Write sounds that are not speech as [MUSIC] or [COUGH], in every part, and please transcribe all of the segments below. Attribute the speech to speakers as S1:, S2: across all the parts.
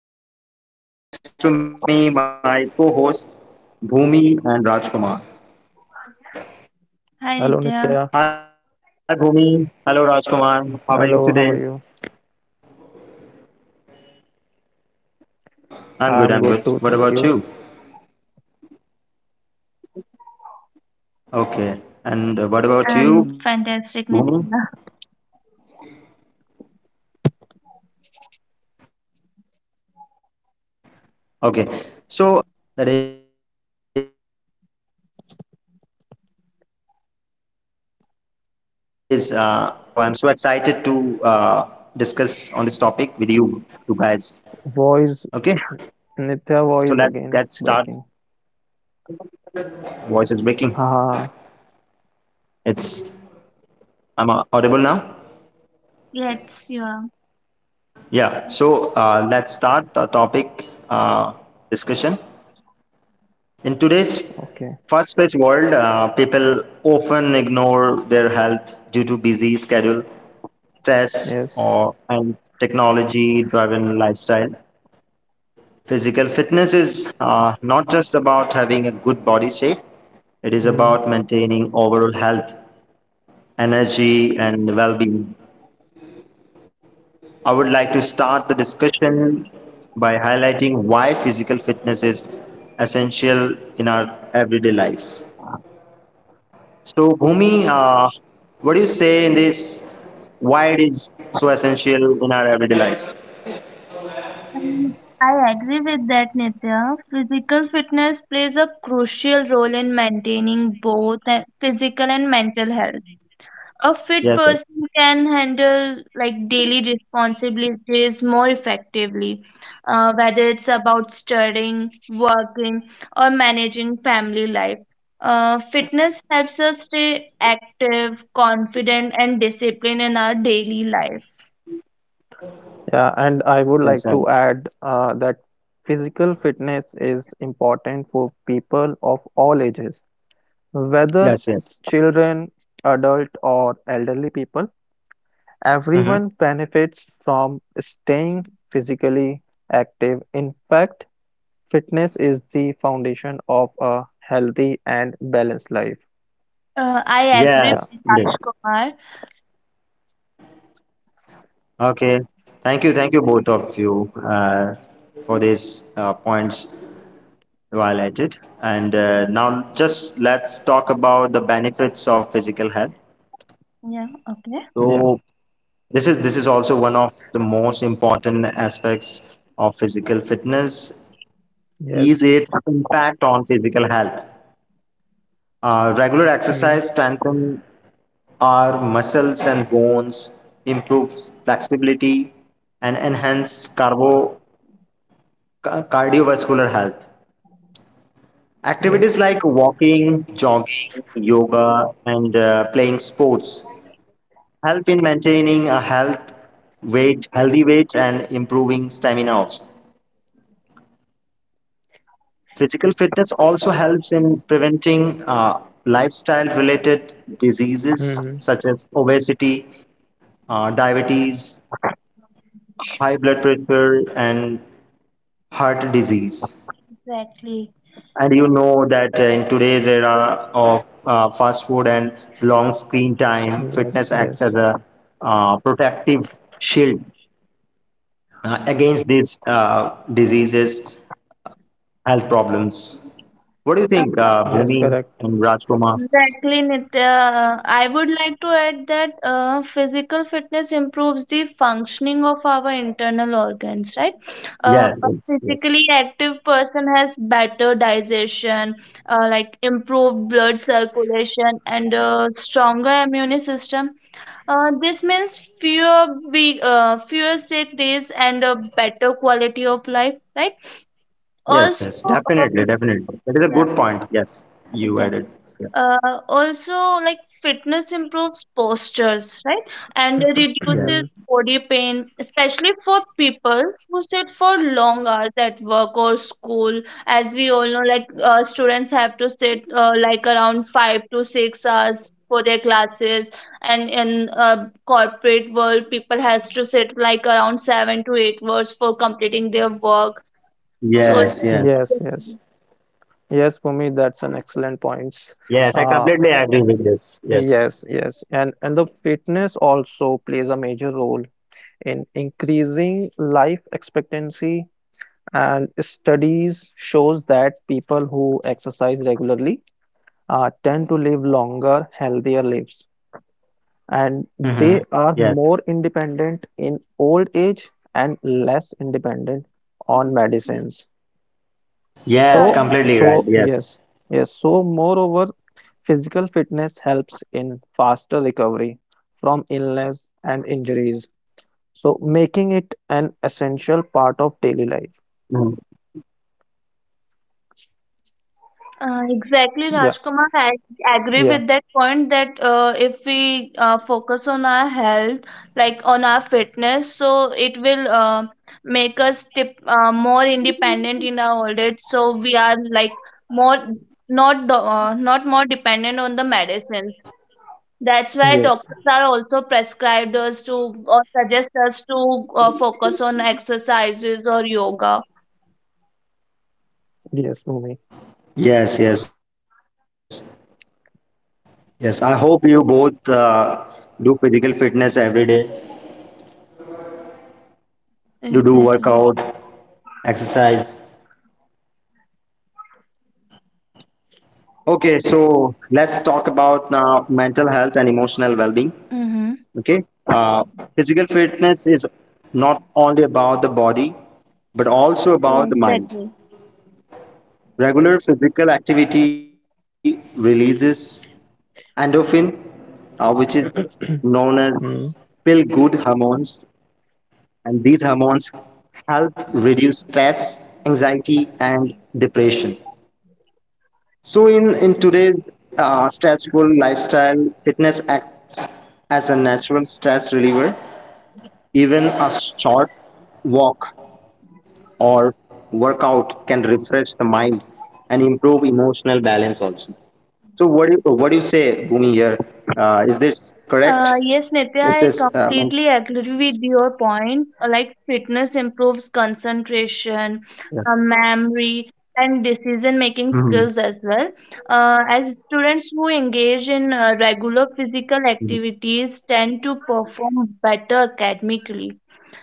S1: I'm your host Nitya, and sitting next to me, my co-host Bhumi and Rajkumar.
S2: Hello
S3: Hi
S2: Nitya.
S3: Nitya,
S1: Hi Bhumi, hello Rajkumar. How are you
S2: Hello,
S1: today?
S2: how are you?
S1: I'm good. I'm
S2: I'm
S1: good.
S2: good
S1: What
S2: too,
S1: about
S2: thank
S1: you?
S2: you.
S1: Okay. And what about you, Bhumi?
S3: I'm fantastic Nitya. [LAUGHS]
S1: Okay. So today we will discuss about a topic that is the importance of physical fitness in daily life. So I'm so excited to discuss on this topic with you guys.
S2: Voice,
S1: Okay,
S2: Nitya voice again
S1: so
S2: breaking.
S1: let's start.
S2: Ah,
S1: Voice is breaking. It's I'm audible
S3: Yes,
S1: now.
S3: you are.
S1: Yeah. So let's start the topic discussion. In today's
S2: okay.
S1: fast-paced world, people often ignore their health due to busy schedule, stress,
S2: Yes.
S1: or and technology-driven lifestyle. Physical fitness is not just about having a good body shape, it is
S2: Mm.
S1: about maintaining overall health, energy, and well being. I would like to start the discussion by highlighting why physical fitness is essential in our everyday life. So, Bhumi, what do you say in this? Why it is so essential in our everyday life?
S3: Um, I agree with that Nitya. Physical fitness plays a crucial role in maintaining both physical and mental health. A fit
S1: Yes, sir.
S3: person can handle like daily responsibilities more effectively, whether it's about studying, working, or managing family life. Fitness helps us stay active, confident, and disciplined in our daily life.
S2: Yeah, and I would
S1: Yes,
S2: like
S1: sir.
S2: to add that physical fitness is important for people of all ages, whether
S1: Yes, yes.
S2: it's children, adult, or elderly people.
S1: Mhm.
S2: Everyone benefits from staying physically active. In fact, fitness is the foundation of a healthy and balanced life.
S3: I agree
S2: Yeah,
S1: Yes,
S3: with
S1: indeed.
S3: Raj Kumar.
S1: Okay. Thank you. Thank you, both of you, for these points you highlighted. And now, just let's talk about the benefits of physical health.
S3: Yeah, okay.
S2: yeah,
S1: So, this is also one of the most important aspects of physical fitness is
S2: yes,
S1: its impact on physical health. Regular
S2: mm,
S1: exercise strengthens our muscles and bones, improves flexibility, and enhance cardiovascular health. Activities
S2: yes,
S1: like walking, jogging, yoga, and playing sports help in maintaining a health weight, healthy weight, and improving stamina. Also, physical fitness also helps in preventing lifestyle-related diseases
S2: mm,
S1: such as obesity, diabetes, high blood pressure, and heart disease.
S3: Exactly.
S1: And you know that in today's era of fast food and long screen time,
S2: yes,
S1: fitness acts
S2: yes,
S1: as a protective shield against these diseases, health problems. What do you think,
S2: yes,
S1: Bhumi
S2: correct.
S1: and Rajkumar?
S3: Exactly, Nitya. I would like to add that physical fitness improves the functioning of our internal organs, right? Uh,
S1: Yeah,
S3: a
S1: yes, yes,
S3: physically active person has better digestion, like improved blood circulation, and a stronger immune system. This means fewer fewer sick days and a better quality of life, right?
S1: yes,
S3: Also,
S1: yes, definitely,
S3: um,
S1: definitely. That is a
S3: yeah.
S1: good point. Yes, you added.
S3: Exactly.
S1: Yeah.
S3: Uh, Also, like fitness improves postures, right? And it reduces
S1: Yes,
S2: [CLEARS THROAT]
S3: body pain, especially for people who sit for long hours at work or school. As we all know, like students have to sit like around five to six hours for their classes, and in corporate world, people has to sit like around seven to eight hours for completing their work. So,
S1: yes, yes,
S2: Yes, yes,
S3: it's
S2: yes, for me, that's an excellent point.
S1: yes. I
S2: Uh,
S1: completely agree with this. Yes.
S2: yes, yes, and the fitness also plays a major role in increasing life expectancy, and studies shows that people who exercise regularly tend to live longer, healthier lives, and
S1: Mm-hmm.
S2: they are
S1: Yes.
S2: more independent in old age and less independent on medicines.
S1: Yes,
S2: So,
S1: completely right.
S2: so
S1: Yes.
S2: yes, yes. So, moreover, physical fitness helps in faster recovery from illness and
S1: Mm-hmm.
S2: injuries. So, making it an essential part of daily life.
S1: Yes, yes, Rajkumar. I'm also
S3: Exactly,
S1: completely
S2: Yeah,
S1: agree
S3: Rajkumar.
S1: with you.
S3: I agree
S2: yeah,
S3: with that point that if we focus on our health, like on our fitness, so it will more independent in our old age. So we are like more not more dependent on the medicines. That's why
S2: yes,
S3: doctors are also prescribed us to or suggest us to focus on exercises or yoga.
S2: yes, Bhumi.
S1: Yes, yes, yes. I hope you both do physical fitness every day. You do workout,
S3: Exactly.
S1: exercise. Okay, so let's talk about now mental health and emotional well-being.
S3: Mm-hmm.
S1: Okay, physical fitness is not only about the body, but also
S3: Yeah,
S1: about the mind.
S3: exactly.
S1: Regular physical activity releases endorphin, which is known
S2: [CLEARS THROAT]
S1: as
S2: Mm,
S1: feel good hormones, and these hormones help reduce stress, anxiety, and depression. So, in today's stressful lifestyle, fitness acts as a natural stress reliever. Even a short walk or workout can refresh the mind and improve emotional balance also. So, what do you say, Bhumi, here? Is this correct?
S3: Yes, Nitya, I
S1: It is
S3: completely
S1: means
S3: agree with your point. Like fitness improves
S1: yes.
S3: concentration, memory, and
S1: Mhm.
S3: decision-making skills as well. As students who engage in regular physical activities tend to perform better academically.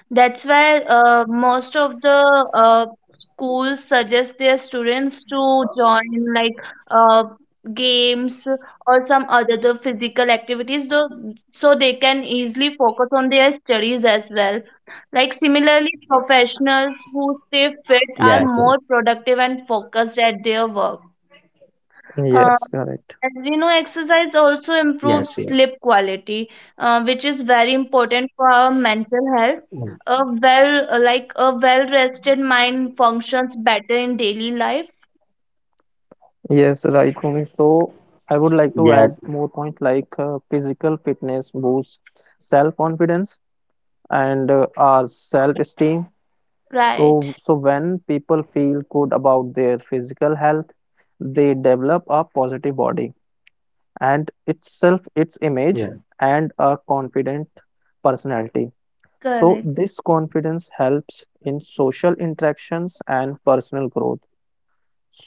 S3: That's why most of the uh, schools suggest their students to join like uh, games or some other the physical activities, though, so they can easily focus on their studies as well. Like similarly, professionals
S1: Yes,
S3: who
S1: yes,
S3: stay fit are more productive and focused at their work. Uh,
S2: yes, correct.
S3: as we know,
S1: yes,
S3: exercise
S1: yes,
S3: also improves sleep quality, which is very important for our
S1: mm,
S3: mental health. A well-rested mind functions better in daily life.
S2: Yes, right, Bhumi. So I would like to add
S1: yes,
S2: more points like physical fitness boosts self-confidence and our self-esteem.
S3: Right.
S2: So when people feel good about their physical health, they develop a positive body and itself, its image,
S1: yeah,
S2: and a confident personality. So
S3: Correct.
S2: this confidence helps in social interactions and personal growth.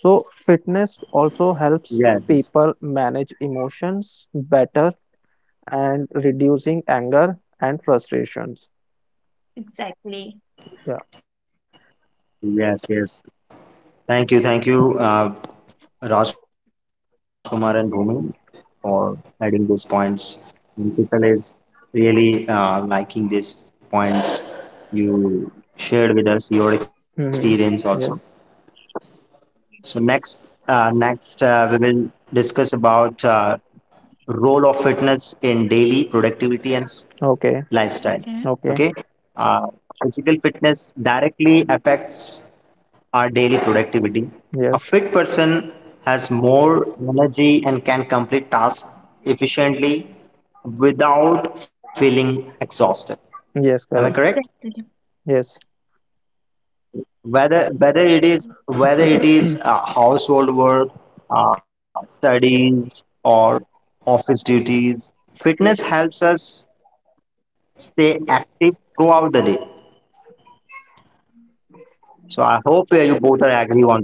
S2: So, fitness also helps people
S1: yes, yes,
S2: manage emotions better and reducing anger and frustrations.
S3: Exactly.
S2: Yeah.
S1: yes, yes. Thank you, Rajkumar and Bhumi for adding these points. And People is really liking these points you shared with us your experience also.
S2: Mm-hmm. Yes.
S1: So next, next we will discuss about role of fitness in daily productivity and
S2: Okay.
S1: lifestyle.
S3: Okay.
S2: Okay.
S1: Okay, uh, physical fitness directly affects our daily productivity. A
S2: Yes.
S1: fit person has more energy and can complete tasks efficiently without feeling exhausted.
S2: Yes.
S1: Am I
S2: Correct.
S1: correct?
S3: Exactly.
S2: Yes.
S1: Whether whether it is whether it is
S2: [CLEARS THROAT]
S1: uh, household work, studies, or office duties, fitness helps us stay active throughout the day. So I hope you both are agree on this,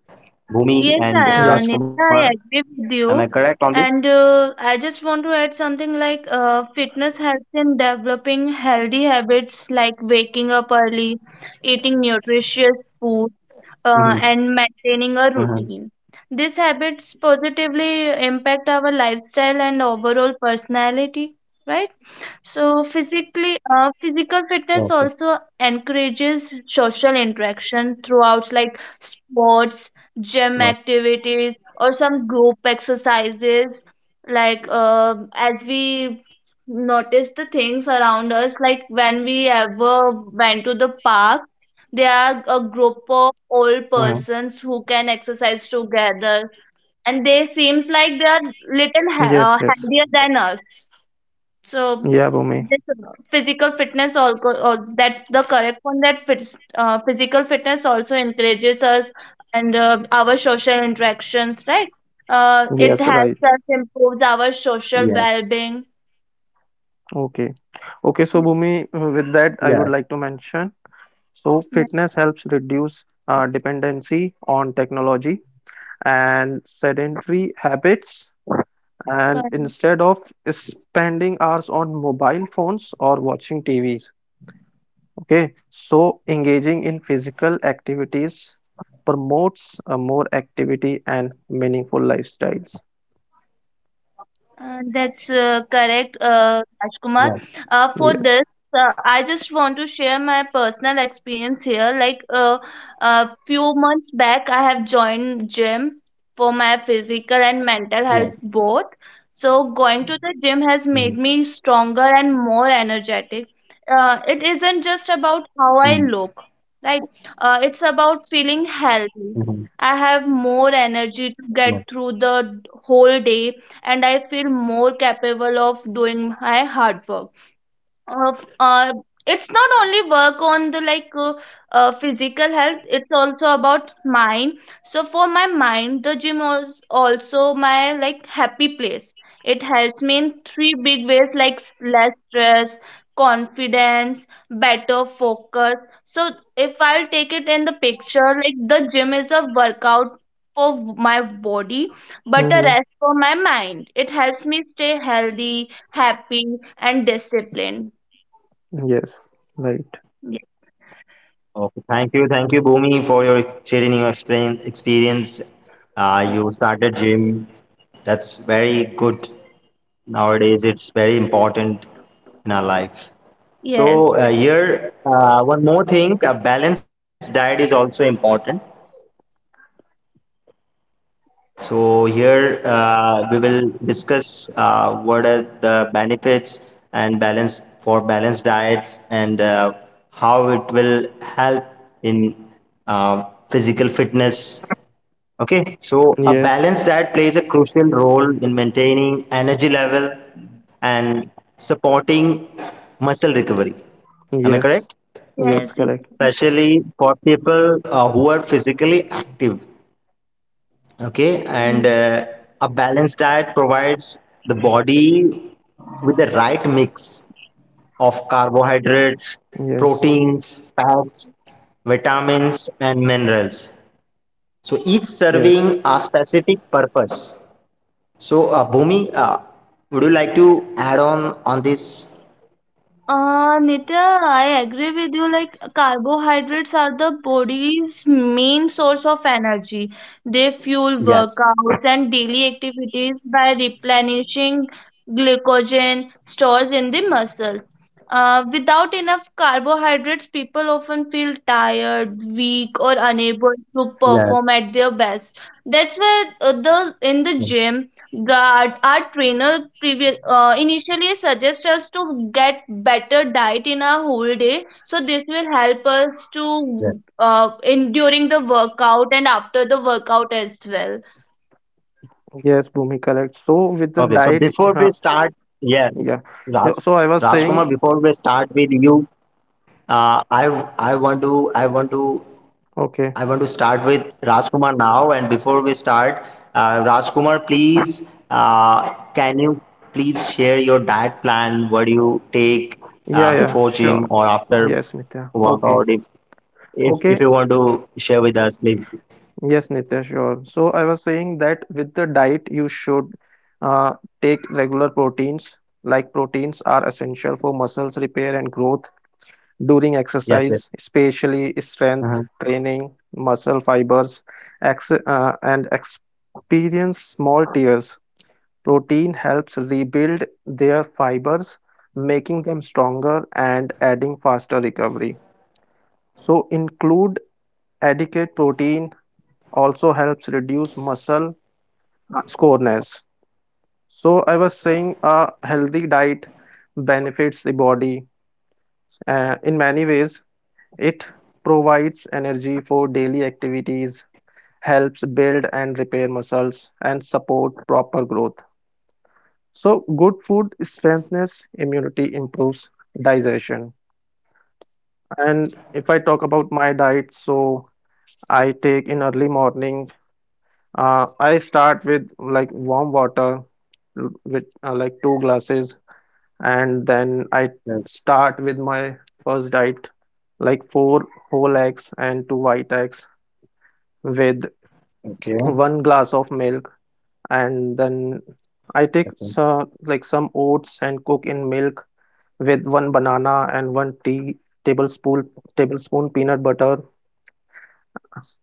S1: Bhumi and
S3: Yes,
S1: Rajkumar.
S2: yes.
S3: Nitya, I
S1: Am I
S3: agree
S1: correct
S3: with
S1: on
S3: you.
S1: this?
S3: And I just want to add something like fitness helps in developing healthy habits like waking up early, eating nutritious food,
S1: Mm-hmm.
S3: and maintaining a
S1: Mm-hmm.
S3: routine. These habits positively impact our lifestyle and overall personality, right? So physical fitness
S1: Yes, yes,
S3: also encourages social interaction throughout like sports, gym
S1: yes.
S3: activities, or some group exercises. Like as we notice the things around us, like when we ever went to the park, there are a group of old
S1: Mm-hmm.
S3: persons who can exercise together, and they seems like they are
S2: Yes. Yes.
S3: healthier than us. So
S2: Yeah, Bhumi.
S3: this physical fitness also or that's the correct one that fits physical fitness also encourages us and our social interactions, right? It
S2: Yes. Right.
S3: helps us improves our
S1: Yes,
S3: social well-being.
S2: Okay. Okay. So,
S3: Yeah,
S2: Bhumi, with
S1: yes,
S2: that, I would like to mention so,
S3: yeah,
S2: fitness helps reduce dependency on technology and sedentary habits and
S3: correct.
S2: instead of spending hours on mobile phones or watching TVs. Okay, so engaging in physical activities promotes a more activity and meaningful lifestyles.
S3: That's correct,
S1: yes,
S3: Rajkumar. For
S2: Yes.
S3: this, I just want to share my personal experience here. Like a few months back, I have joined gym for my physical and mental
S1: yes.
S3: health both. So going to the gym has made me stronger and more energetic. It isn't just about how
S1: Mm-hmm.
S3: I look, right? It's about feeling healthy.
S1: Mm-hmm.
S3: I have more energy to
S1: Yes.
S3: get through the whole day and I feel more capable of doing my hard work of it's not only work on the physical health. It's also about mind, so for my mind the gym was also my like happy place. It helps me in three big ways, like less stress, confidence, better focus. So if I'll take it in the picture, like the gym is a workout for my body but a
S2: Hmm.
S3: rest for my mind. It helps me stay healthy, happy, and disciplined.
S2: Yes. Right.
S3: Ye-
S1: Okay. Thank you, Bhumi, for your sharing your experience. You started gym. That's very good. Nowadays, it's very important in our life.
S3: Yes,
S1: So here, one more thing: a balanced diet is also important. So here we will discuss what are the benefits and balance for balanced diets and how it will help in uh, physical fitness. Okay, so a
S2: Yes.
S1: balanced diet plays a crucial role in maintaining energy level and supporting muscle recovery. Am I
S2: Yes.
S1: correct?
S2: Yes.
S3: yes,
S2: Correct.
S3: exactly.
S1: Especially for people who are physically active. Okay, and a balanced diet provides the body with the right mix of carbohydrates,
S2: Yes.
S1: proteins, fats, vitamins, and minerals. So each serving
S2: Yes.
S1: a specific purpose. So, Bhumi, would you like to add on this?
S3: Nitya, I agree with you. Like carbohydrates are the body's main source of energy. They fuel
S1: Yes,
S3: workouts and daily activities by replenishing glycogen stores in the muscles. Without enough carbohydrates, people often feel tired, weak, or unable to
S1: yes,
S3: perform at their best. That's why the in the
S1: yes.
S3: gym our trainer initially suggests us to get better diet in our whole day. So this will help us to
S1: Yes.
S3: in during the workout and after the workout as well.
S2: Yes. Bhumi. Correct. So with the
S1: Okay, so
S2: diet,
S1: before we start, yeah,
S2: yeah. Yeah,
S1: Raj,
S2: so I was saying.
S1: Rajkumar, before we start with you, uh, I I want to
S2: Okay.
S1: I want to start with Rajkumar now. And before we start, Rajkumar, please, can you please share your diet plan? What do you take
S2: Yeah. Yeah.
S1: before
S2: Sure.
S1: gym or after
S2: Yes, Nitya. Okay.
S1: workout?
S2: Okay.
S1: If you want to share with us, please.
S2: Yes, Nitya, sure. So I was saying that with the diet, you should uh, take regular proteins, like proteins are essential for muscles repair and growth during exercise,
S1: Yes, yes.
S2: especially strength
S1: Uh-huh.
S2: training, muscle fibers, ex and experience small tears. Protein helps rebuild their fibers, making them stronger and adding faster recovery. So include adequate protein also helps reduce muscle scoreness. So I was saying a healthy diet benefits the body in many ways. It provides energy for daily activities, helps build and repair muscles, and support proper growth. So good food strengthens immunity, improves digestion. And if I talk about my diet, so I take in early morning. I start with like warm water with like two glasses, and then I
S1: Yes.
S2: start with my first diet, like four whole eggs and two white eggs with
S1: Okay,
S2: one glass of milk, and then I take
S1: okay,
S2: some like some oats and cook in milk with one banana and one tea tablespoon tablespoon peanut butter.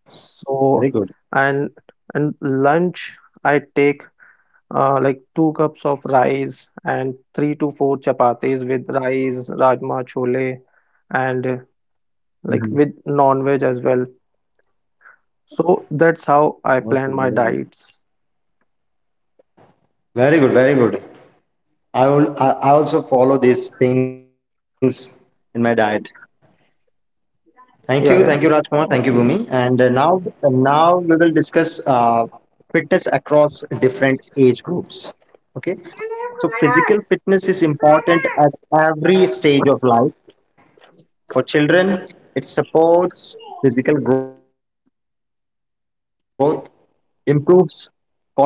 S2: So
S1: good.
S2: and and lunch I take like two cups of rice and three to four chapatis with rice, rajma, chole, and like
S1: Hmm.
S2: with non-veg as well. So that's how I
S1: Okay,
S2: plan my
S1: very good.
S2: diets.
S1: Very good, very good. I will. I also follow these things in my diet. Thank you,
S2: Yeah,
S1: Rajkumar.
S2: yeah.
S1: Thank you, Bhumi.
S2: Okay.
S1: And now, now we will discuss fitness across different age groups. Okay, so physical fitness is important at every stage of life. For children, it supports physical growth, improves coordination, and build discipline.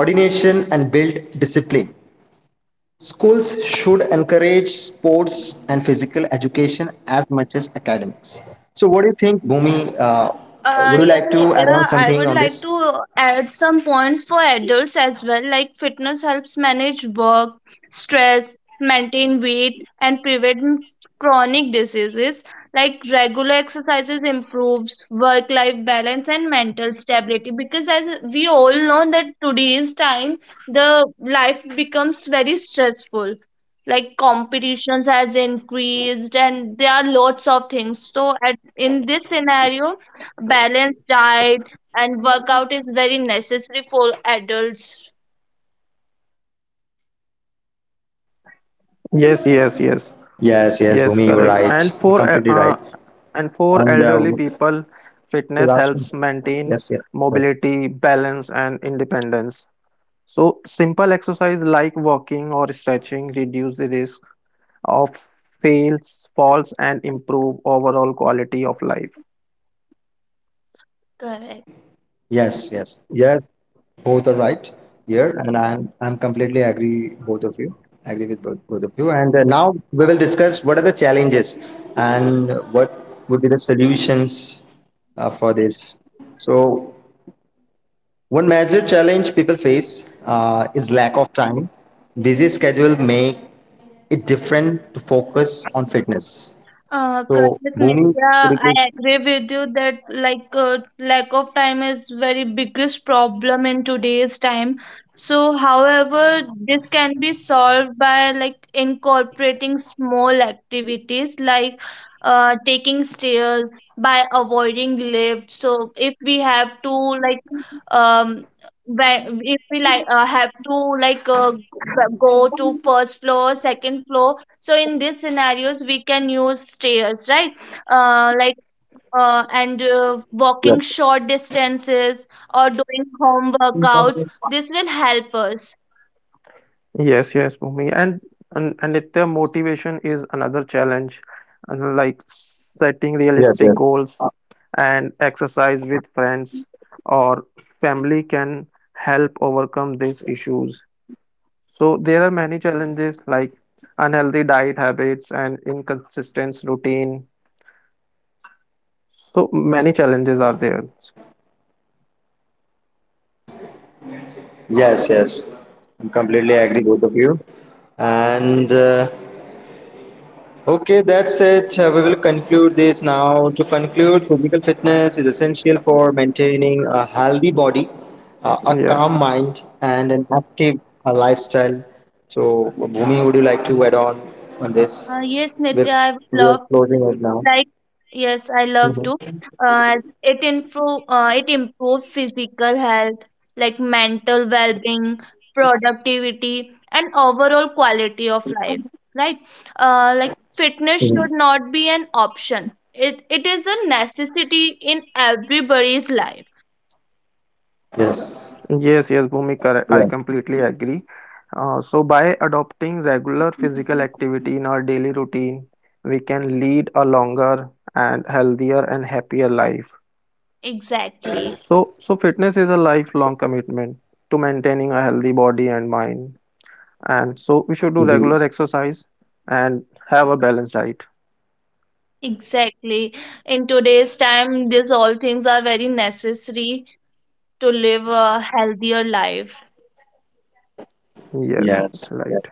S1: Schools should encourage sports and physical education as much as academics. So, what do you think, Bhumi? Would you like to add on something on this?
S3: Yeah, Nitya, I would like to add some points for adults as well. Like, fitness helps manage work, stress, maintain weight, and prevent chronic diseases. Like, regular exercises improves work-life balance and mental stability. Because, as we all know, that today's time the life becomes very stressful. Like competitions has increased, and there are lots of things. So, at in this scenario, balanced diet and workout is very necessary for adults.
S1: Yes, yes, Bhumi, you were
S2: Yes, yes,
S1: right. You're
S2: yes.
S1: completely right.
S2: Yes, correct.
S1: And
S2: And
S1: the
S2: for
S1: last one.
S2: elderly people,
S1: Yes, yes.
S2: fitness helps maintain mobility, balance, and independence. So simple exercise like walking or stretching reduce the risk of fails, falls, and improve overall quality of life.
S3: Correct.
S1: Yes, yes, yes. Both are right here, and I'm completely agree both of you. Agree with both, both of you. And now we will discuss what are the challenges and what would be the solutions for this. So one major challenge people face is lack of time. Busy schedule make it different to focus on fitness.
S3: Correct,
S1: So
S3: Nitya.
S1: Bhumi,
S3: I
S1: could
S3: agree
S1: you please?
S3: with you that like lack of time is very biggest problem in today's time. So, however, this can be solved by like incorporating small activities like taking stairs by avoiding lifts. So, if we have to like um if we have to go to first floor, second floor, so in these scenarios, we can use stairs, right? Uh, like and
S1: Yes,
S3: walking short distances or doing home workouts. This will help us.
S2: Yes, yes, Bhumi. And Nitya, motivation is another challenge, and like setting
S1: yes,
S2: realistic
S1: yes.
S2: goals and exercise with friends or family can help overcome these issues. So there are many challenges like unhealthy diet habits and inconsistent routine. So many challenges are there.
S3: Uh,
S1: Yes, yes. I'm completely agree both of you. And okay, that's it. We will conclude this now. To conclude, physical fitness is essential for maintaining a healthy body, a
S2: Yeah.
S1: calm mind, and an active lifestyle. So, Bhumi, would you like to add on this?
S3: yes,
S1: We're,
S3: Nitya, I would
S1: we're
S3: love.
S1: closing it now.
S3: Like, yes, I love to.
S1: Mhm.
S3: Uh, it improves physical health, like mental well-being, productivity, and overall quality of life. Right? Like fitness
S1: Mhm.
S3: should not be an option. It is a necessity in everybody's life.
S1: Yes.
S2: Yes, yes, Bhumi, correct. I
S1: Yeah.
S2: completely agree. So, by adopting regular physical activity in our daily routine, we can lead a longer and healthier and happier life.
S3: Exactly.
S2: So fitness is a lifelong commitment to maintaining a healthy body and mind. And so, we should do regular
S1: Mhm.
S2: exercise and have a balanced diet.
S3: Exactly. In today's time, these all things are very necessary to live a healthier life.
S2: Yes,
S1: Yes.
S2: it's right.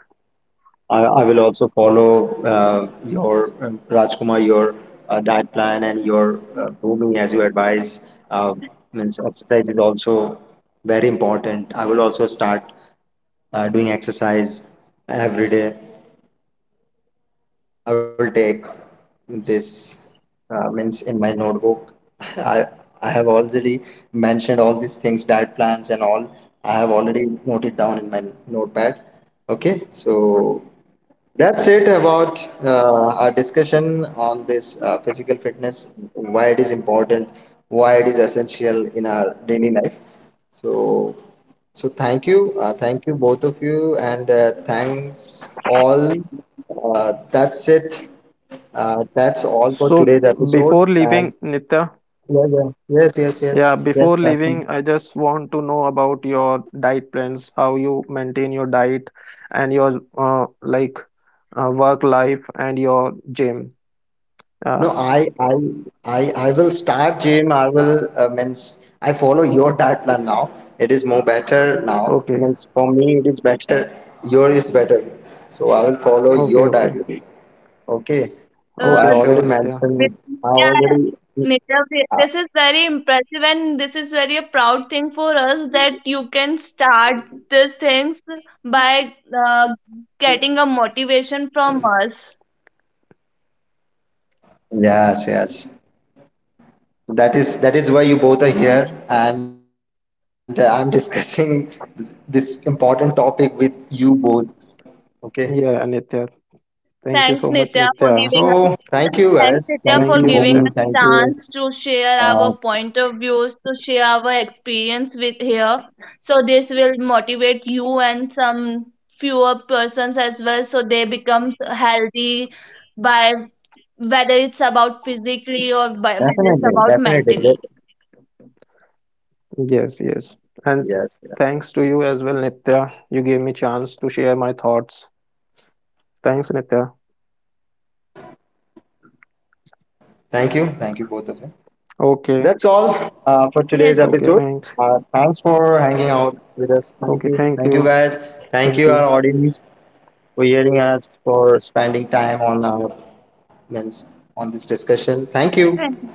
S1: I will also follow your Rajkumar, your diet plan and your grooming as you advise. Means exercise is also very important. I will also start doing exercise every day. I will take this means in my notebook. [LAUGHS] I I have already mentioned all these things, diet plans and all. I have already noted down in my notepad. Okay, so that's it about our discussion on this physical fitness, why it is important, why it is essential in our daily life. So, so thank you both of you, and thanks all. That's it. That's all for
S2: So,
S1: today's episode.
S2: before leaving,
S1: And
S2: Nitya,
S1: yeah, yeah, yes, yes,
S2: yeah,
S1: yes,
S2: before
S1: yes, Rashmi.
S2: leaving, I just want to know about your diet plans, how you maintain your diet and your like work life and your gym. Uh,
S1: No, I will start gym. I will means I follow your diet plan now. It is more better now.
S2: okay,
S1: Means for me, it is better. Your is better. So I will follow
S2: okay,
S1: your diet.
S2: okay,
S1: Plan. Okay.
S3: Uh,
S1: So
S2: okay,
S1: I
S2: sure,
S1: already
S2: Nitya.
S3: with,
S1: mentioned. I
S3: yeah,
S1: already.
S3: Neerav, this is very impressive and this is very a proud thing for us that you can start these things by getting a motivation from us.
S1: Yes, yes. That is why you both are here, and I'm [LAUGHS] discussing this, this important topic with you both. Okay.
S2: Yeah, Nitya.
S1: So
S2: Thank you
S3: Thanks,
S1: thank
S2: so
S1: you
S2: much,
S3: Nitya,
S1: guys.
S3: for
S2: Nitya.
S1: Thank
S3: giving
S1: you,
S3: us
S1: Bhumi. Thank
S3: Thanks
S1: you.
S3: Nitya for
S2: Thank you,
S3: giving
S2: Nitya.
S3: us chance to share our point of views, to share our experience with here. So this will motivate you and some fewer persons as well, so they become healthy by whether it's about physically or by, whether it's
S1: Definitely,
S3: about
S1: definitely. That-
S3: mentally.
S2: Yes, yes. And
S1: Yes, yeah.
S2: thanks to you as well, Nitya. You gave me chance to share my thoughts. Thanks, Nitya.
S1: Thank you. Thank you, both of you.
S2: Okay,
S1: That's all for today's
S3: Yes, Nitya.
S2: okay,
S1: episode.
S2: thanks.
S1: Thanks for hanging out with us. Thank
S2: Okay,
S1: you.
S2: thank
S1: Thank you,
S2: you.
S1: guys. Thank
S2: Thank
S1: you, our
S2: you.
S1: audience, for hearing us, for spending time on our means on this discussion. Thank you.
S3: Thank you.